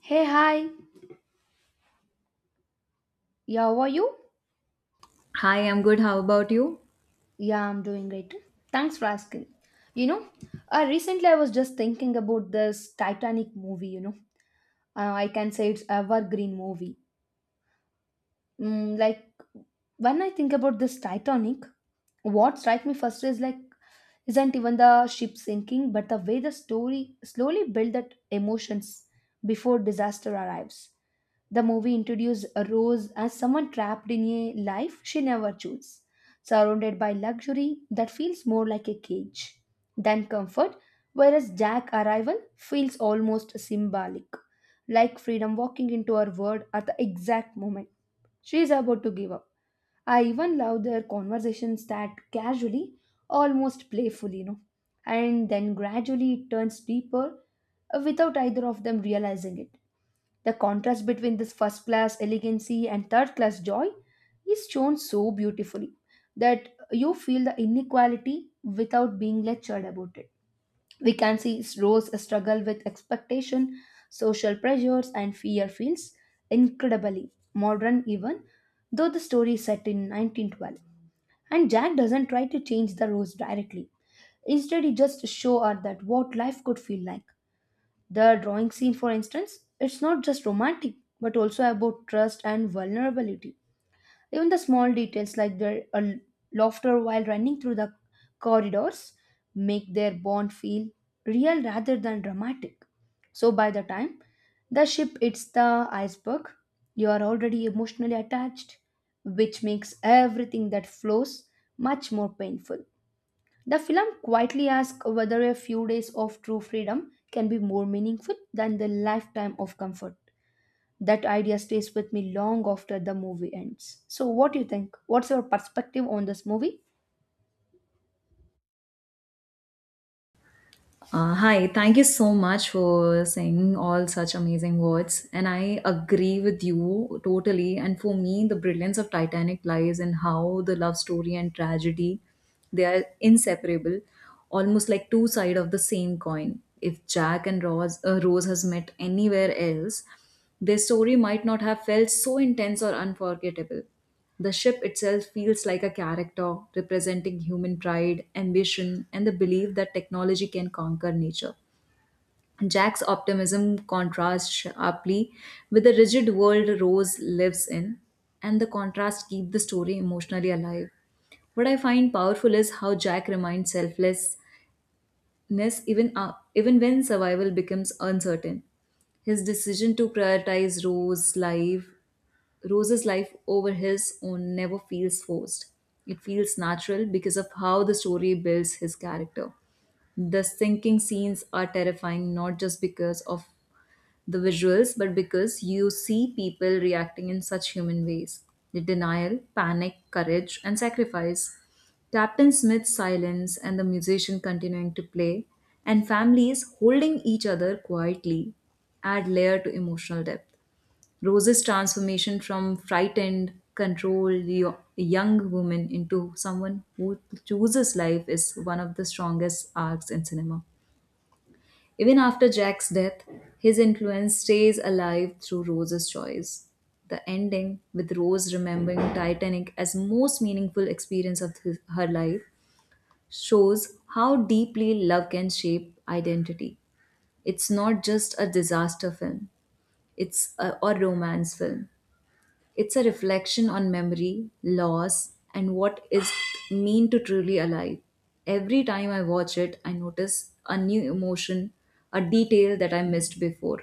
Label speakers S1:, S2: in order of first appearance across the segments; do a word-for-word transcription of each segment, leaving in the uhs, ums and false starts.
S1: Hey, hi. Yeah, how are you?
S2: Hi, I'm good. How about you?
S1: Yeah, I'm doing great. Thanks for asking. You know, uh, recently I was just thinking about this Titanic movie, you know. Uh, I can say it's evergreen movie. Mm, like when I think about this Titanic, what strikes me first is like isn't even the ship sinking but the way the story slowly build that emotions before disaster arrives. The movie introduced rose as someone trapped in a life she never chose, surrounded by luxury that feels more like a cage than comfort. Whereas Jack's arrival feels almost symbolic, like freedom walking into her world at the exact moment she is about to give up. I even love their conversations that casually, almost playfully, you know, and then gradually it turns deeper uh, without either of them realizing it. The contrast between this first class elegancy and third class joy is shown so beautifully that you feel the inequality without being lectured about it. We can see Rose struggle with expectation, social pressures, and fear feels incredibly modern even though the story is set in nineteen twelve. And Jack doesn't try to change the Rose directly. Instead, he just shows her that what life could feel like. The drawing scene, for instance, it's not just romantic but also about trust and vulnerability. Even the small details like their uh, laughter while running through the corridors make their bond feel real rather than dramatic. So by the time the ship hits the iceberg, you are already emotionally attached, which makes everything that flows much more painful. The film quietly asks whether a few days of true freedom can be more meaningful than the lifetime of comfort. That idea stays with me long after the movie ends. So, what do you think? What's your perspective on this movie?
S2: Uh, hi, thank you so much for saying all such amazing words. And I agree with you totally. And for me, the brilliance of Titanic lies in how the love story and tragedy they are inseparable, almost like two sides of the same coin. If Jack and Rose, uh, Rose has met anywhere else, their story might not have felt so intense or unforgettable. The ship itself feels like a character representing human pride, ambition, and the belief that technology can conquer nature. Jack's optimism contrasts sharply with the rigid world Rose lives in, and the contrast keeps the story emotionally alive. What I find powerful is how Jack remains selfless ness even uh, even when survival becomes uncertain. His decision to prioritize Rose life, Rose's life over his own never feels forced. It feels natural because of how the story builds his character. The sinking scenes are terrifying not just because of the visuals, but because you see people reacting in such human ways the denial, panic, courage, and sacrifice. Captain Smith's silence and the musician continuing to play, and families holding each other quietly add layer to emotional depth. Rose's transformation from frightened, controlled yo- young woman into someone who chooses life is one of the strongest arcs in cinema. Even after Jack's death, his influence stays alive through Rose's choice. The ending, with Rose remembering Titanic as most meaningful experience of his, her life, shows how deeply love can shape identity. It's not just a disaster film; it's a, a romance film. It's a reflection on memory, loss, and what is it mean to truly alive. Every time I watch it, I notice a new emotion, a detail that I missed before.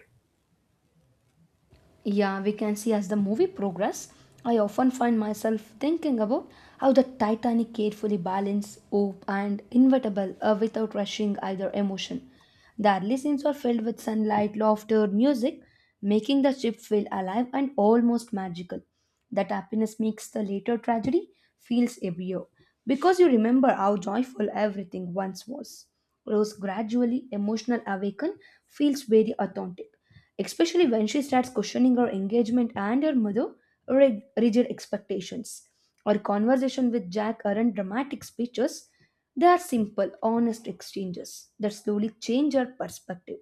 S1: Yeah, we can see as the movie progresses, I often find myself thinking about how the Titanic carefully balanced hope and inevitable uh, without rushing either emotion. The early scenes are filled with sunlight, laughter, music, making the ship feel alive and almost magical. That happiness makes the later tragedy feels heavier because you remember how joyful everything once was. Rose gradually emotional awaken feels very authentic, especially when she starts questioning her engagement and her mother rig- rigid expectations. Our conversation with Jack aren't dramatic speeches, they are simple, honest exchanges that slowly change her perspective.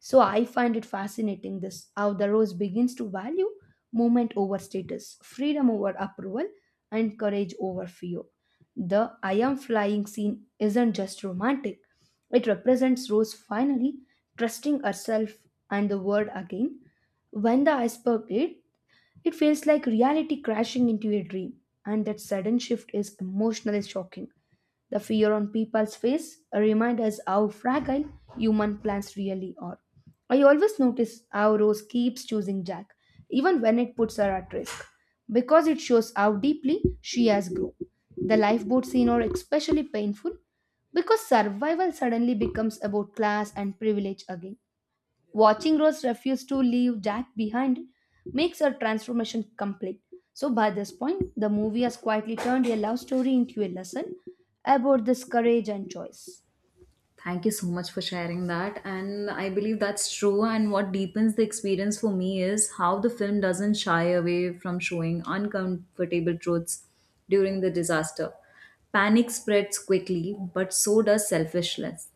S1: So I find it fascinating this how the rose begins to value movement over status, freedom over approval, and courage over fear. The I am flying scene isn't just romantic, it represents Rose finally trusting herself and the word again. When the iceberg hit, it feels like reality crashing into a dream, and that sudden shift is emotionally shocking. The fear on people's face remind us how fragile human plans really are. I always notice how Rose keeps choosing Jack, even when it puts her at risk, because it shows how deeply she has grown. The lifeboat scene are especially painful because survival suddenly becomes about class and privilege again. Watching Rose refuse to leave Jack behind makes her transformation complete. So, by this point, the movie has quietly turned a love story into a lesson about this courage and choice.
S2: Thank you so much for sharing that. And I believe that's true. And what deepens the experience for me is how the film doesn't shy away from showing uncomfortable truths during the disaster. Panic spreads quickly, but so does selfishness,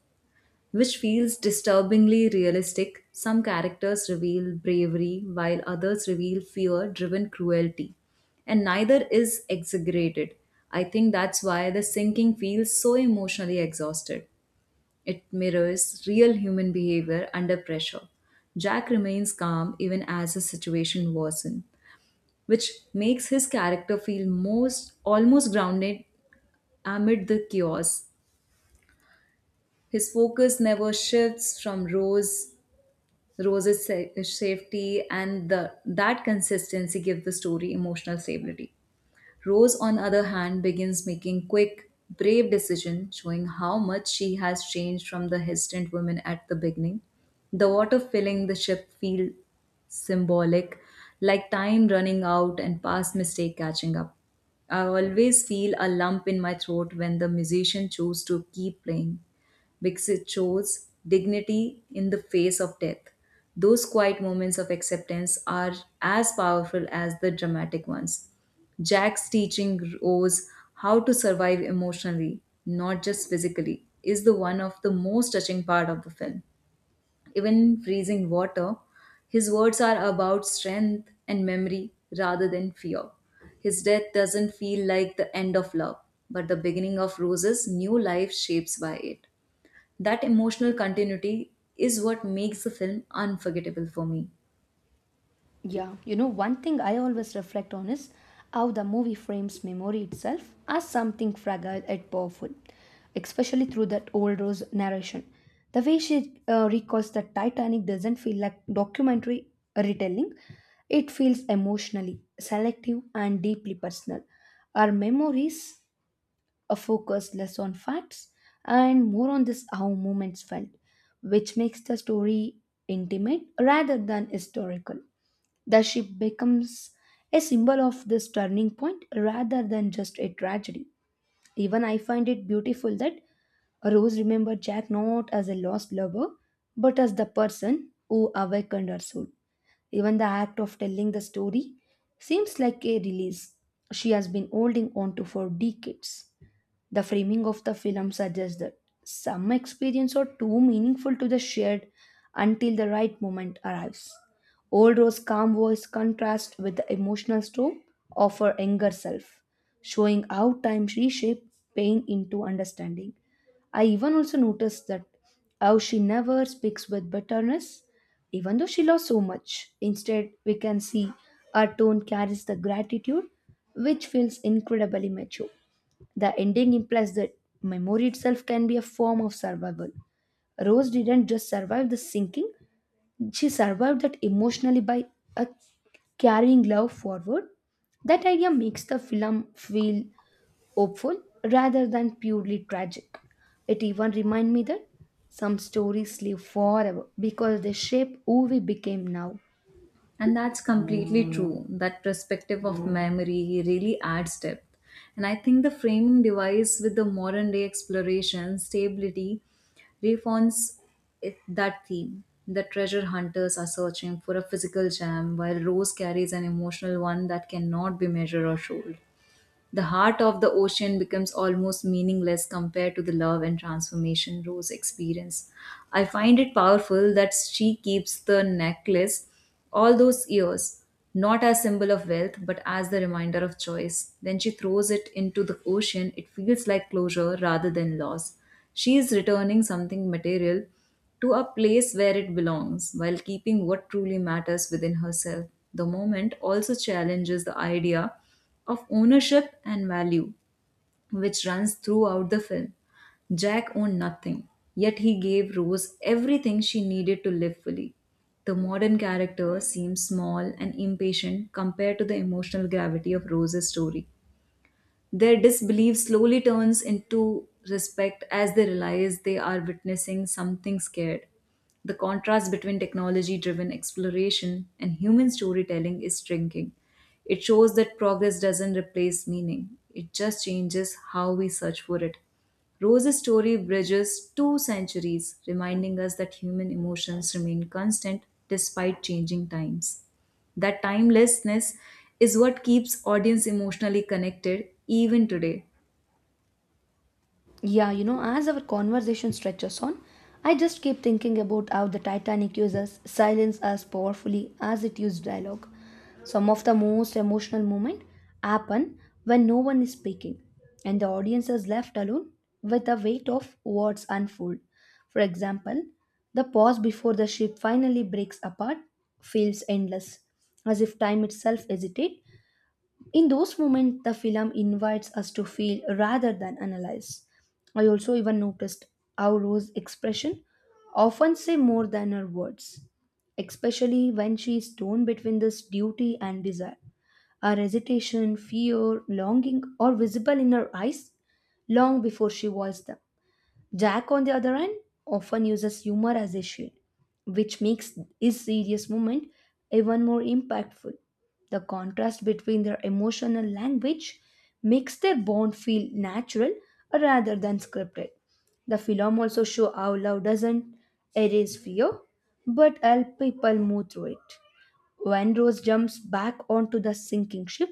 S2: which feels disturbingly realistic. Some characters reveal bravery, while others reveal fear driven cruelty, and neither is exaggerated. I think that's why the sinking feels so emotionally exhausted. It mirrors real human behavior under pressure. Jack remains calm even as the situation worsens, which makes his character feel most almost grounded amid the chaos. His focus never shifts from Rose Rose's sa- safety and the that consistency give the story emotional stability. Rose, on the other hand, begins making quick, brave decisions, showing how much she has changed from the hesitant woman at the beginning. The water filling the ship feels symbolic, like time running out and past mistake catching up. I always feel a lump in my throat when the musician chose to keep playing because it shows dignity in the face of death. Those quiet moments of acceptance are as powerful as the dramatic ones. Jack's teaching Rose how to survive emotionally, not just physically, is the one of the most touching part of the film. Even in freezing water, his words are about strength and memory rather than fear. His death doesn't feel like the end of love, but the beginning of Rose's new life shapes by it. That emotional continuity is what makes the film unforgettable for me.
S1: Yeah, you know, one thing I always reflect on is how the movie frames memory itself as something fragile and powerful, especially through that old Rose narration. The way she uh, recalls the Titanic doesn't feel like documentary retelling, it feels emotionally selective and deeply personal. Our memories are focused less on facts and more on this how moments felt, which makes the story intimate rather than historical. The ship becomes a symbol of this turning point rather than just a tragedy. Even I find it beautiful that Rose remembered Jack not as a lost lover, but as the person who awakened her soul. Even the act of telling the story seems like a release she has been holding on to for decades. The framing of the film suggests that some experiences are too meaningful to be shared until the right moment arrives. Old Rose's calm voice contrasts with the emotional storm of her younger self, showing how time reshapes pain into understanding. I even also noticed that how she never speaks with bitterness, even though she lost so much. Instead, we can see her tone carries the gratitude, which feels incredibly mature. The ending implies that memory itself can be a form of survival. Rose didn't just survive the sinking, she survived that emotionally by a carrying love forward. That idea makes the film feel hopeful rather than purely tragic. It even reminds me that some stories live forever because they shape who we became now.
S2: And that's completely true. That perspective of memory really adds depth. And I think the framing device with the modern day exploration, stability, refines it- that theme. The treasure hunters are searching for a physical gem, while Rose carries an emotional one that cannot be measured or sold. The heart of the ocean becomes almost meaningless compared to the love and transformation Rose experienced. I find it powerful that she keeps the necklace all those years, not as symbol of wealth, but as the reminder of choice. When she throws it into the ocean, it feels like closure rather than loss. She is returning something material to a place where it belongs while keeping what truly matters within herself. The moment also challenges the idea of ownership and value, which runs throughout the film. Jack owned nothing, yet he gave Rose everything she needed to live fully. The modern character seems small and impatient compared to the emotional gravity of Rose's story. Their disbelief slowly turns into respect as they realize they are witnessing something scared. The contrast between technology driven exploration and human storytelling is striking. It shows that progress doesn't replace meaning, it just changes how we search for it. Rose's story bridges two centuries, reminding us that human emotions remain constant despite changing times. That timelessness is what keeps audience emotionally connected even today.
S1: Yeah, you know, as our conversation stretches on, I just keep thinking about how the Titanic uses silence as powerfully as it used dialogue. Some of the most emotional moments happen when no one is speaking and the audience is left alone with the weight of what's unfold. For example, the pause before the ship finally breaks apart feels endless, as if time itself hesitates in those moments, the film invites us to feel rather than analyze. I also even noticed how Rose's expression often say more than her words, especially when she is torn between this duty and desire. Her hesitation, fear, longing are visible in her eyes long before she voiced them. Jack, on the other hand, often uses humor as a shield, which makes his serious moment even more impactful. The contrast between their emotional language makes their bond feel natural rather than scripted. The film also shows how love doesn't erase fear but help people move through it. When Rose jumps back onto the sinking ship,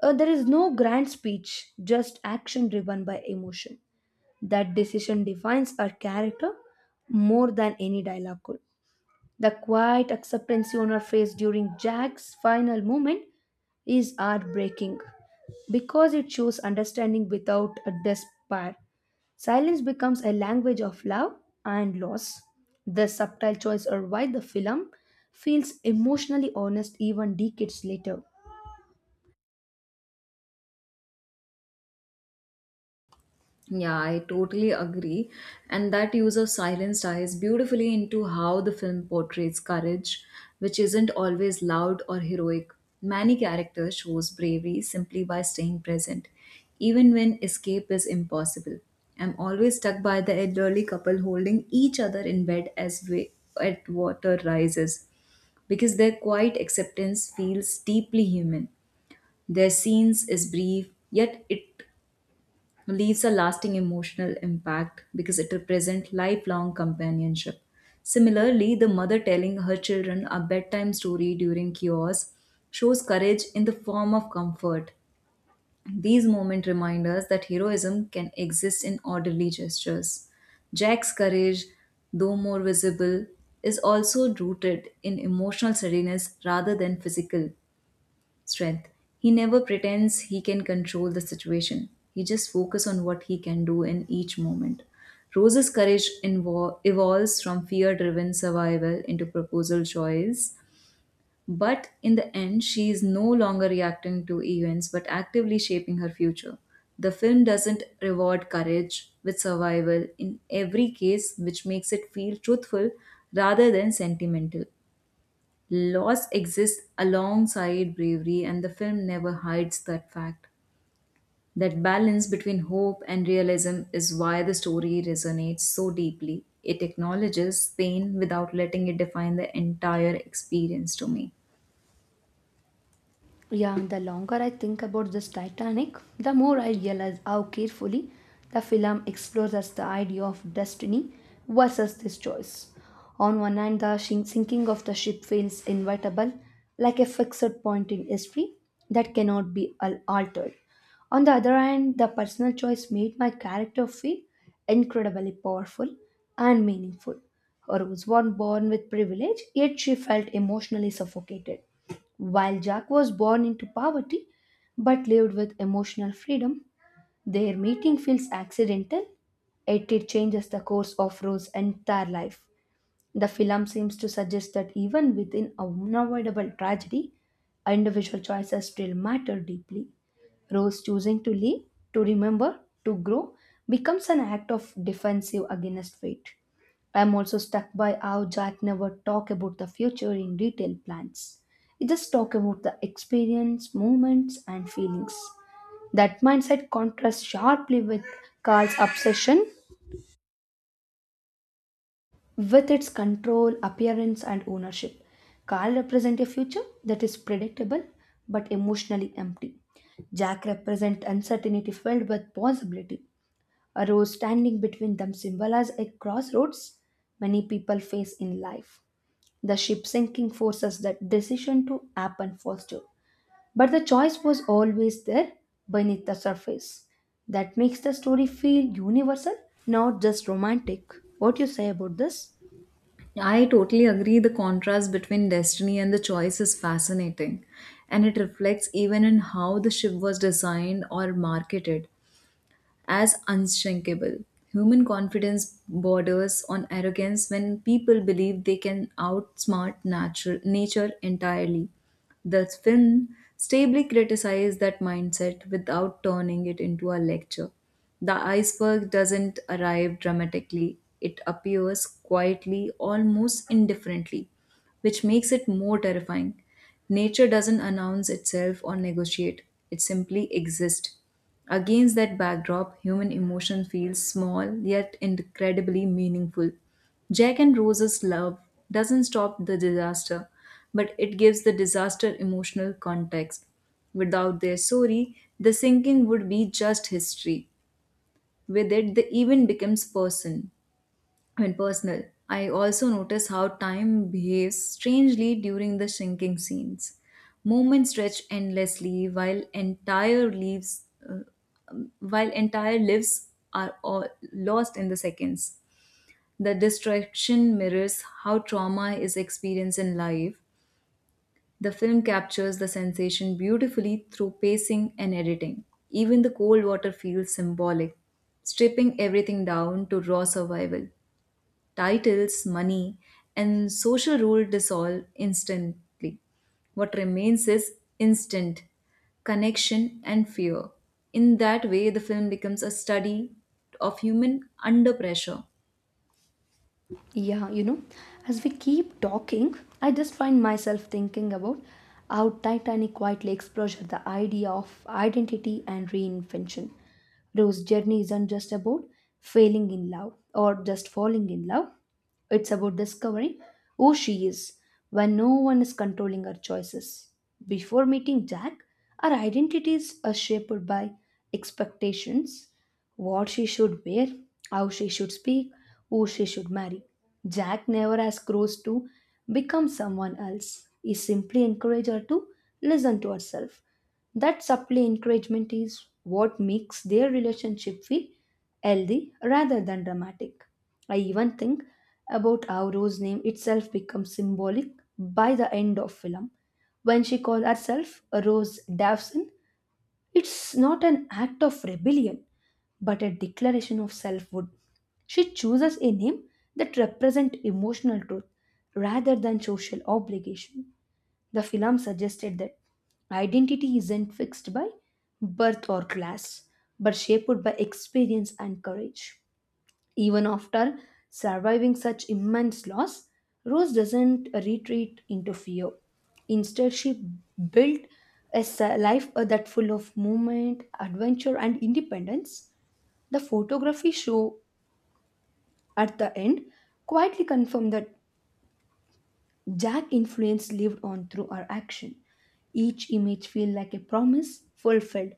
S1: uh, there is no grand speech, just action driven by emotion. That decision defines her character more than any dialogue could. The quiet acceptance on her face during Jack's final moment is heartbreaking because it shows understanding without a despair. Silence becomes a language of love and loss. The subtle choice or why the film feels emotionally honest even decades later.
S2: Yeah, I totally agree. And that use of silence ties beautifully into how the film portrays courage, which isn't always loud or heroic. Many characters shows bravery simply by staying present, even when escape is impossible. I'm always struck by the elderly couple holding each other in bed as wa- at water rises because their quiet acceptance feels deeply human. Their scenes is brief, yet it leaves a lasting emotional impact because it represents lifelong companionship. Similarly, the mother telling her children a bedtime story during chaos shows courage in the form of comfort. These moments remind us that heroism can exist in orderly gestures. Jack's courage, though more visible, is also rooted in emotional steadiness rather than physical strength. He never pretends he can control the situation. He just focuses on what he can do in each moment. Rose's courage invo- evolves from fear driven survival into proposal choice, but in the end, she is no longer reacting to events but actively shaping her future. The film doesn't reward courage with survival in every case, which makes it feel truthful rather than sentimental. Loss exists alongside bravery, and the film never hides that fact. That balance between hope and realism is why the story resonates so deeply. It acknowledges pain without letting it define the entire experience to me.
S1: Yeah, the longer I think about this Titanic, the more I realize how carefully the film explores us the idea of destiny versus this choice. On one hand, the shin- sinking of the ship feels inevitable, like a fixed point in history that cannot be al- altered. On the other hand, the personal choice made my character feel incredibly powerful and meaningful. Her was one born with privilege, yet she felt emotionally suffocated. While Jack was born into poverty but lived with emotional freedom, their meeting feels accidental. It, it changes the course of Rose's entire life. The film seems to suggest that even within unavoidable tragedy, individual choices still matter deeply. Rose choosing to live, to remember, to grow becomes an act of defensive against fate. I am also struck by how Jack never talk about the future in detailed plans. He just talk about the experience, moments, and feelings. That mindset contrasts sharply with Carl's obsession with its control, appearance, and ownership. Carl represents a future that is predictable but emotionally empty. Jack represents uncertainty filled with possibility. A road standing between them symbolizes a crossroads many people face in life. The ship sinking forces that decision to happen faster. But the choice was always there beneath the surface. That makes the story feel universal, not just romantic. What you say about this?
S2: I totally agree. The contrast between destiny and the choice is fascinating, and it reflects even in how the ship was designed or marketed as unshrinkable. Human confidence borders on arrogance when people believe they can outsmart natural, nature entirely. The film stably criticized that mindset without turning it into a lecture. The iceberg doesn't arrive dramatically, it appears quietly, almost indifferently, which makes it more terrifying. Nature doesn't announce itself or negotiate, it simply exists. Against that backdrop, human emotion feels small yet incredibly meaningful. Jack and Rose's love doesn't stop the disaster, but it gives the disaster emotional context. Without their story, the sinking would be just history. With it, the event becomes person. I mean, personal. I also notice how time behaves strangely during the sinking scenes. Moments stretch endlessly while entire leaves while entire lives are all lost in the seconds. The distraction mirrors how trauma is experienced in life. The film captures the sensation beautifully through pacing and editing. Even the cold water feels symbolic, stripping everything down to raw survival titles, money, and social rule dissolve instantly. What remains is instant connection and fear. In that way, the film becomes a study of human under pressure.
S1: Yeah, you know, as we keep talking, I just find myself thinking about how Titanic quietly explores the idea of identity and reinvention. Rose's journey isn't just about failing in love or just falling in love, it's about discovering who she is when no one is controlling her choices. Before meeting Jack, our identities are shaped by expectations, what she should wear, how she should speak, who she should marry. Jack never has grows to become someone else. He simply encourages her to listen to herself. That subtle encouragement is what makes their relationship feel healthy rather than dramatic. I even think about how Rose's name itself becomes symbolic by the end of film. When she calls herself Rose Davson, it's not an act of rebellion, but a declaration of selfhood. She chooses a name that represents emotional truth rather than social obligation. The film suggested that identity isn't fixed by birth or class, but shaped by experience and courage. Even after surviving such immense loss, Rose doesn't retreat into fear. Instead, she built a s- life uh, that full of movement, adventure, and independence. The photography show at the end quietly confirm that Jack influence lived on through her action. Each image feel like a promise fulfilled.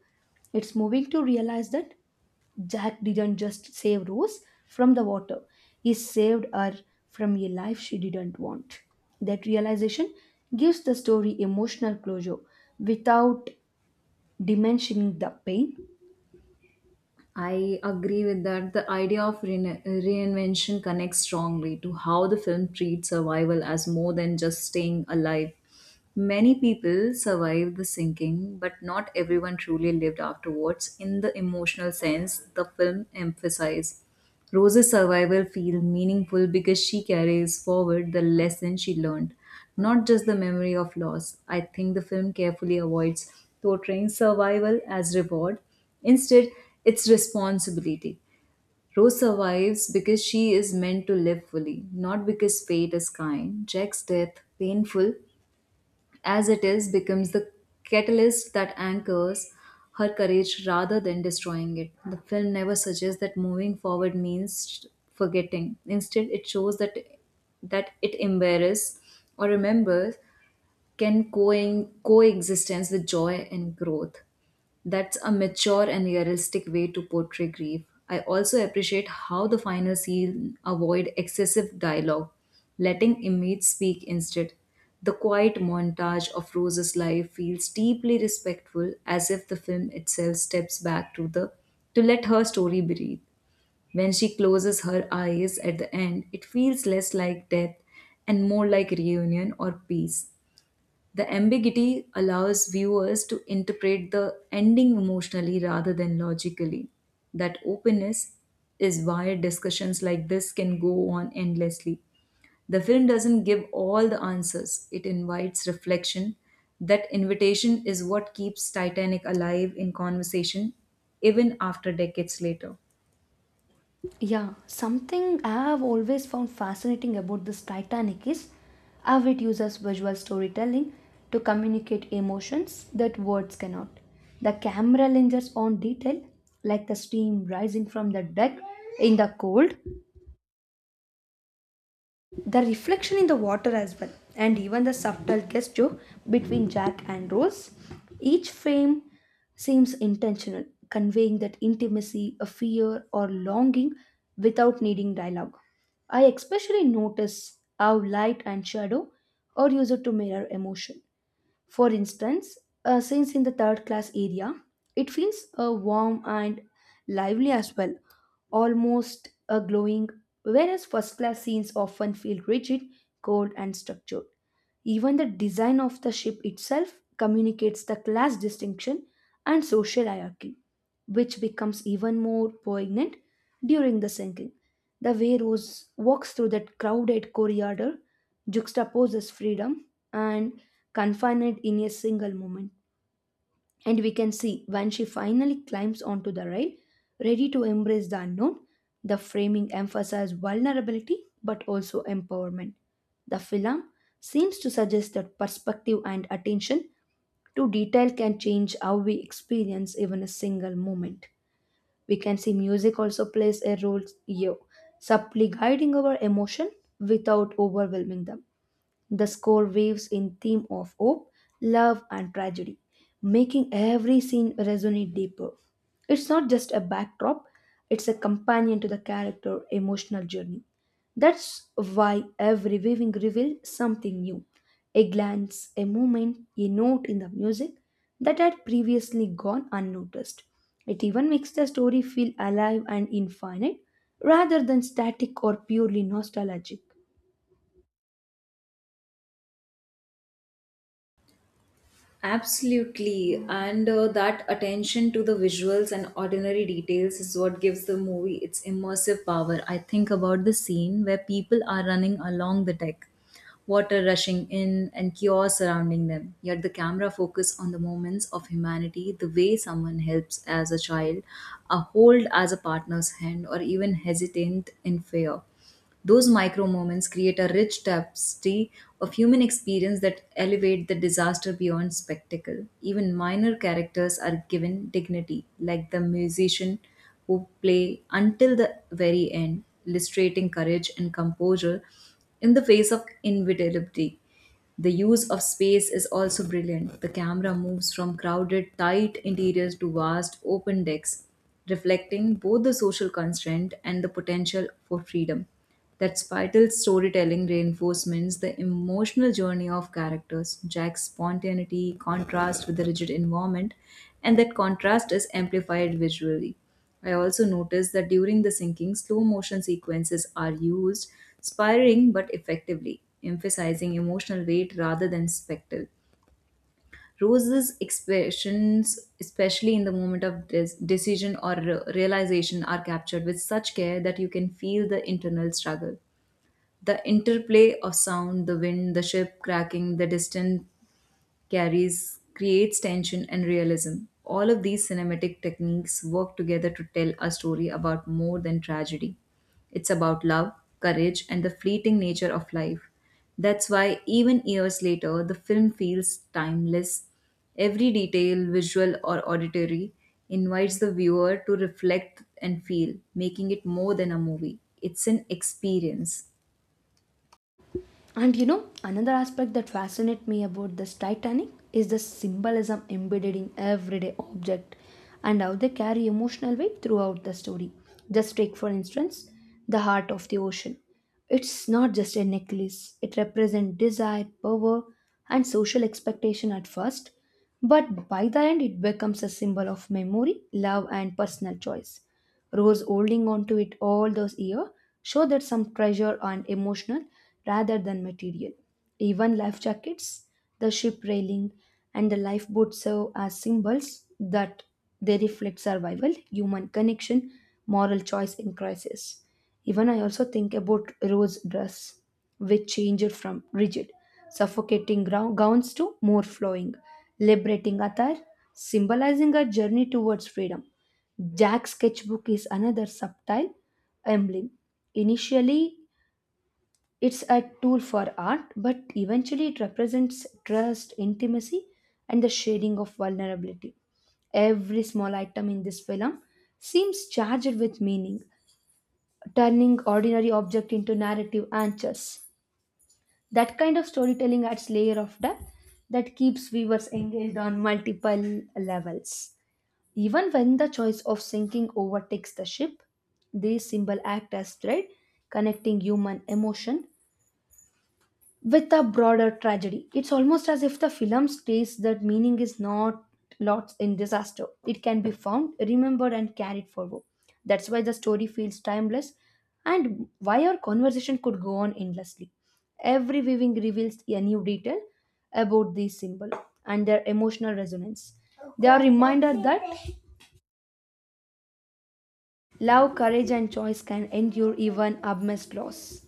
S1: It's moving to realize that Jack didn't just save Rose from the water, he saved her from a life she didn't want. That realization gives the story emotional closure without diminishing the pain.
S2: I agree with that. The idea of rein- reinvention connects strongly to how the film treats survival as more than just staying alive. Many people survived the sinking, but not everyone truly lived afterwards in the emotional sense the film emphasized. Rose's survival feels meaningful because she carries forward the lesson she learned, not just the memory of loss. I think the film carefully avoids portraying survival as reward. Instead, it's responsibility. Rose survives because she is meant to live fully, not because fate is kind. Jack's death, painful as it is becomes the catalyst that anchors her courage rather than destroying it. The film never suggests that moving forward means forgetting. Instead, it shows that that it embarrasses or remembers can co- coexistence with joy and growth. That's a mature and realistic way to portray grief. I also appreciate how the final scene avoid excessive dialogue, letting image speak instead. The quiet montage of Rose's life feels deeply respectful as if the film itself steps back to the to let her story breathe. When she closes her eyes at the end, it feels less like death and more like reunion or peace. The ambiguity allows viewers to interpret the ending emotionally rather than logically. That openness is why discussions like this can go on endlessly. The film doesn't give all the answers, it invites reflection. That invitation is what keeps Titanic alive in conversation even after decades later.
S1: Yeah, something I have always found fascinating about this Titanic is how it uses visual storytelling to communicate emotions that words cannot. The camera lingers on detail, like the steam rising from the deck in the cold, the reflection in the water as well, and even the subtle gesture between Jack and Rose. Each frame seems intentional, conveying that intimacy, a fear or longing, without needing dialogue. I especially notice how light and shadow are used to mirror emotion. For instance, uh, since in the third class area, it feels uh, warm and lively as well, almost uh, glowing, whereas first class scenes often feel rigid, cold, and structured. Even the design of the ship itself communicates the class distinction and social hierarchy, which becomes even more poignant during the sinking. The way Rose walks through that crowded corridor juxtaposes freedom and confined in a single moment. And we can see when she finally climbs onto the rail, ready to embrace the unknown, the framing emphasizes vulnerability but also empowerment. The film seems to suggest that perspective and attention to detail can change how we experience even a single moment. We can see music also plays a role here, subtly guiding our emotion without overwhelming them. The score waves in theme of hope, love and tragedy, making every scene resonate deeper. It's not just a backdrop, it's a companion to the character emotional journey. That's why every weaving revealed something new. A glance, a movement, a note in the music that had previously gone unnoticed. It even makes the story feel alive and infinite rather than static or purely nostalgic.
S2: Absolutely. And uh, that attention to the visuals and ordinary details is what gives the movie its immersive power. I think about the scene where people are running along the deck, water rushing in and chaos surrounding them. Yet the camera focuses on the moments of humanity, the way someone helps as a child, a hold as a partner's hand, or even hesitant in fear. Those micro moments create a rich tapestry of human experience that elevate the disaster beyond spectacle. Even minor characters are given dignity, like the musician who play until the very end, illustrating courage and composure in the face of inevitability. The use of space is also brilliant. The camera moves from crowded, tight interiors to vast, open decks, reflecting both the social constraint and the potential for freedom. That spiral storytelling reinforcements the emotional journey of characters, Jack's spontaneity, contrasts with the rigid environment, and that contrast is amplified visually. I also noticed that during the sinking, slow motion sequences are used, spiraling but effectively, emphasizing emotional weight rather than spectacle. Rose's expressions, especially in the moment of des- decision or re- realization, are captured with such care that you can feel the internal struggle. The interplay of sound, the wind, the ship cracking, the distant carries creates tension and realism. All of these cinematic techniques work together to tell a story about more than tragedy. It's about love, courage, and the fleeting nature of life. That's why, even years later, the film feels timeless. Every detail, visual or auditory, invites the viewer to reflect and feel, making it more than a movie. It's an experience.
S1: And you know, another aspect that fascinates me about this Titanic is the symbolism embedded in everyday object and how they carry emotional weight throughout the story. Just take for instance the heart of the ocean. It's not just a necklace, it represents desire, power, and social expectation at first, but by the end it becomes a symbol of memory, love, and personal choice. Rose holding on to it all those years show that some treasure and emotional rather than material. Even life jackets, the ship railing, and the lifeboat serve as symbols that they reflect survival, human connection, moral choice in crisis. Even I also think about Rose dress, which changed from rigid, suffocating grou- gowns to more flowing, liberating attire, symbolizing a journey towards freedom. Jack's sketchbook is another subtle emblem. Initially, it's a tool for art, but eventually, it represents trust, intimacy, and the sharing of vulnerability. Every small item in this film seems charged with meaning, turning ordinary object into narrative anchors. That kind of storytelling adds layer of depth that keeps viewers engaged on multiple levels. Even when the choice of sinking overtakes the ship, these symbols act as thread connecting human emotion with a broader tragedy. It's almost as if the film states that meaning is not lost in disaster. It can be found, remembered, and carried forward. That's why the story feels timeless and why our conversation could go on endlessly. Every viewing reveals a new detail about these symbols and their emotional resonance. They are reminded that love, courage, and choice can endure even amidst loss.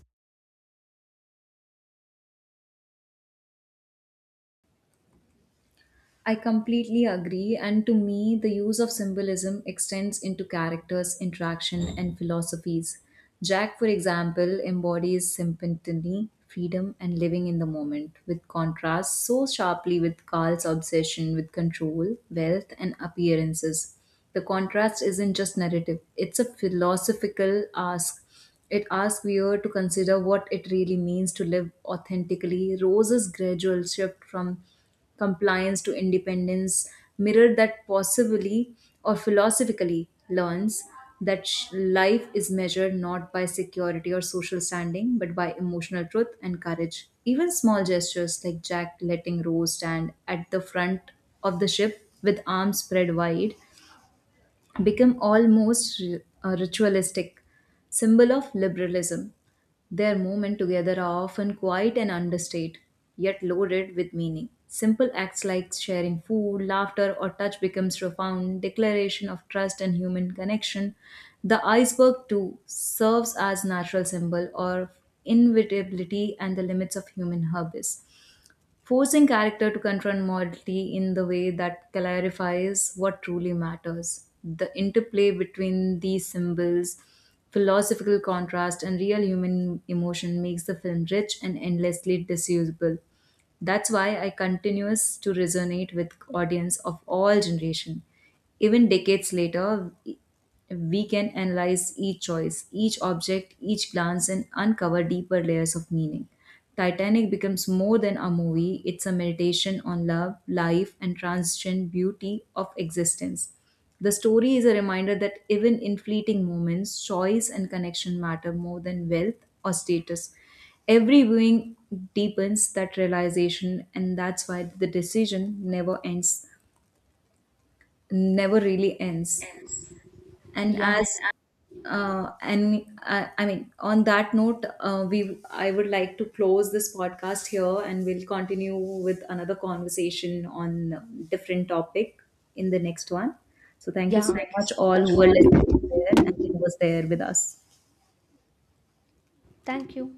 S2: I completely agree, and to me, the use of symbolism extends into characters, interaction, and philosophies. Jack, for example, embodies simplicity, freedom, and living in the moment, with contrast so sharply with Carl's obsession with control, wealth, and appearances. The contrast isn't just narrative, it's a philosophical ask it asks viewer to consider what it really means to live authentically. Rose's gradual shift from compliance to independence mirrored that possibly or philosophically learns that sh- life is measured not by security or social standing but by emotional truth and courage even small gestures like Jack letting Rose stand at the front of the ship with arms spread wide become almost ri- a ritualistic symbol of liberalism. Their movement together are often quiet and understated, yet loaded with meaning. Simple acts like sharing food, laughter, or touch becomes profound declaration of trust and human connection. The iceberg too serves as natural symbol of inevitability and the limits of human hubris forcing character to confront morality in the way that clarifies what truly matters. The interplay between these symbols, philosophical contrast, and real human emotion makes the film rich and endlessly disusable. That's why I continues to resonate with audience of all generation. Even decades later, we can analyze each choice, each object, each glance, and uncover deeper layers of meaning. Titanic becomes more than a movie, it's a meditation on love, life, and transient beauty of existence. The story is a reminder that even in fleeting moments, choice and connection matter more than wealth or status. Every viewing deepens that realization, and that's why the decision never ends, never really ends and
S1: Yeah,
S2: as uh, and uh, I mean, on that note, uh, we I would like to close this podcast here, and we'll continue with another conversation on different topic in the next one. So thank you
S1: yeah.
S2: so
S1: Thank you
S2: much,
S1: so
S2: all
S1: much
S2: who are listening
S1: all.
S2: there and who was there with us.
S1: Thank you.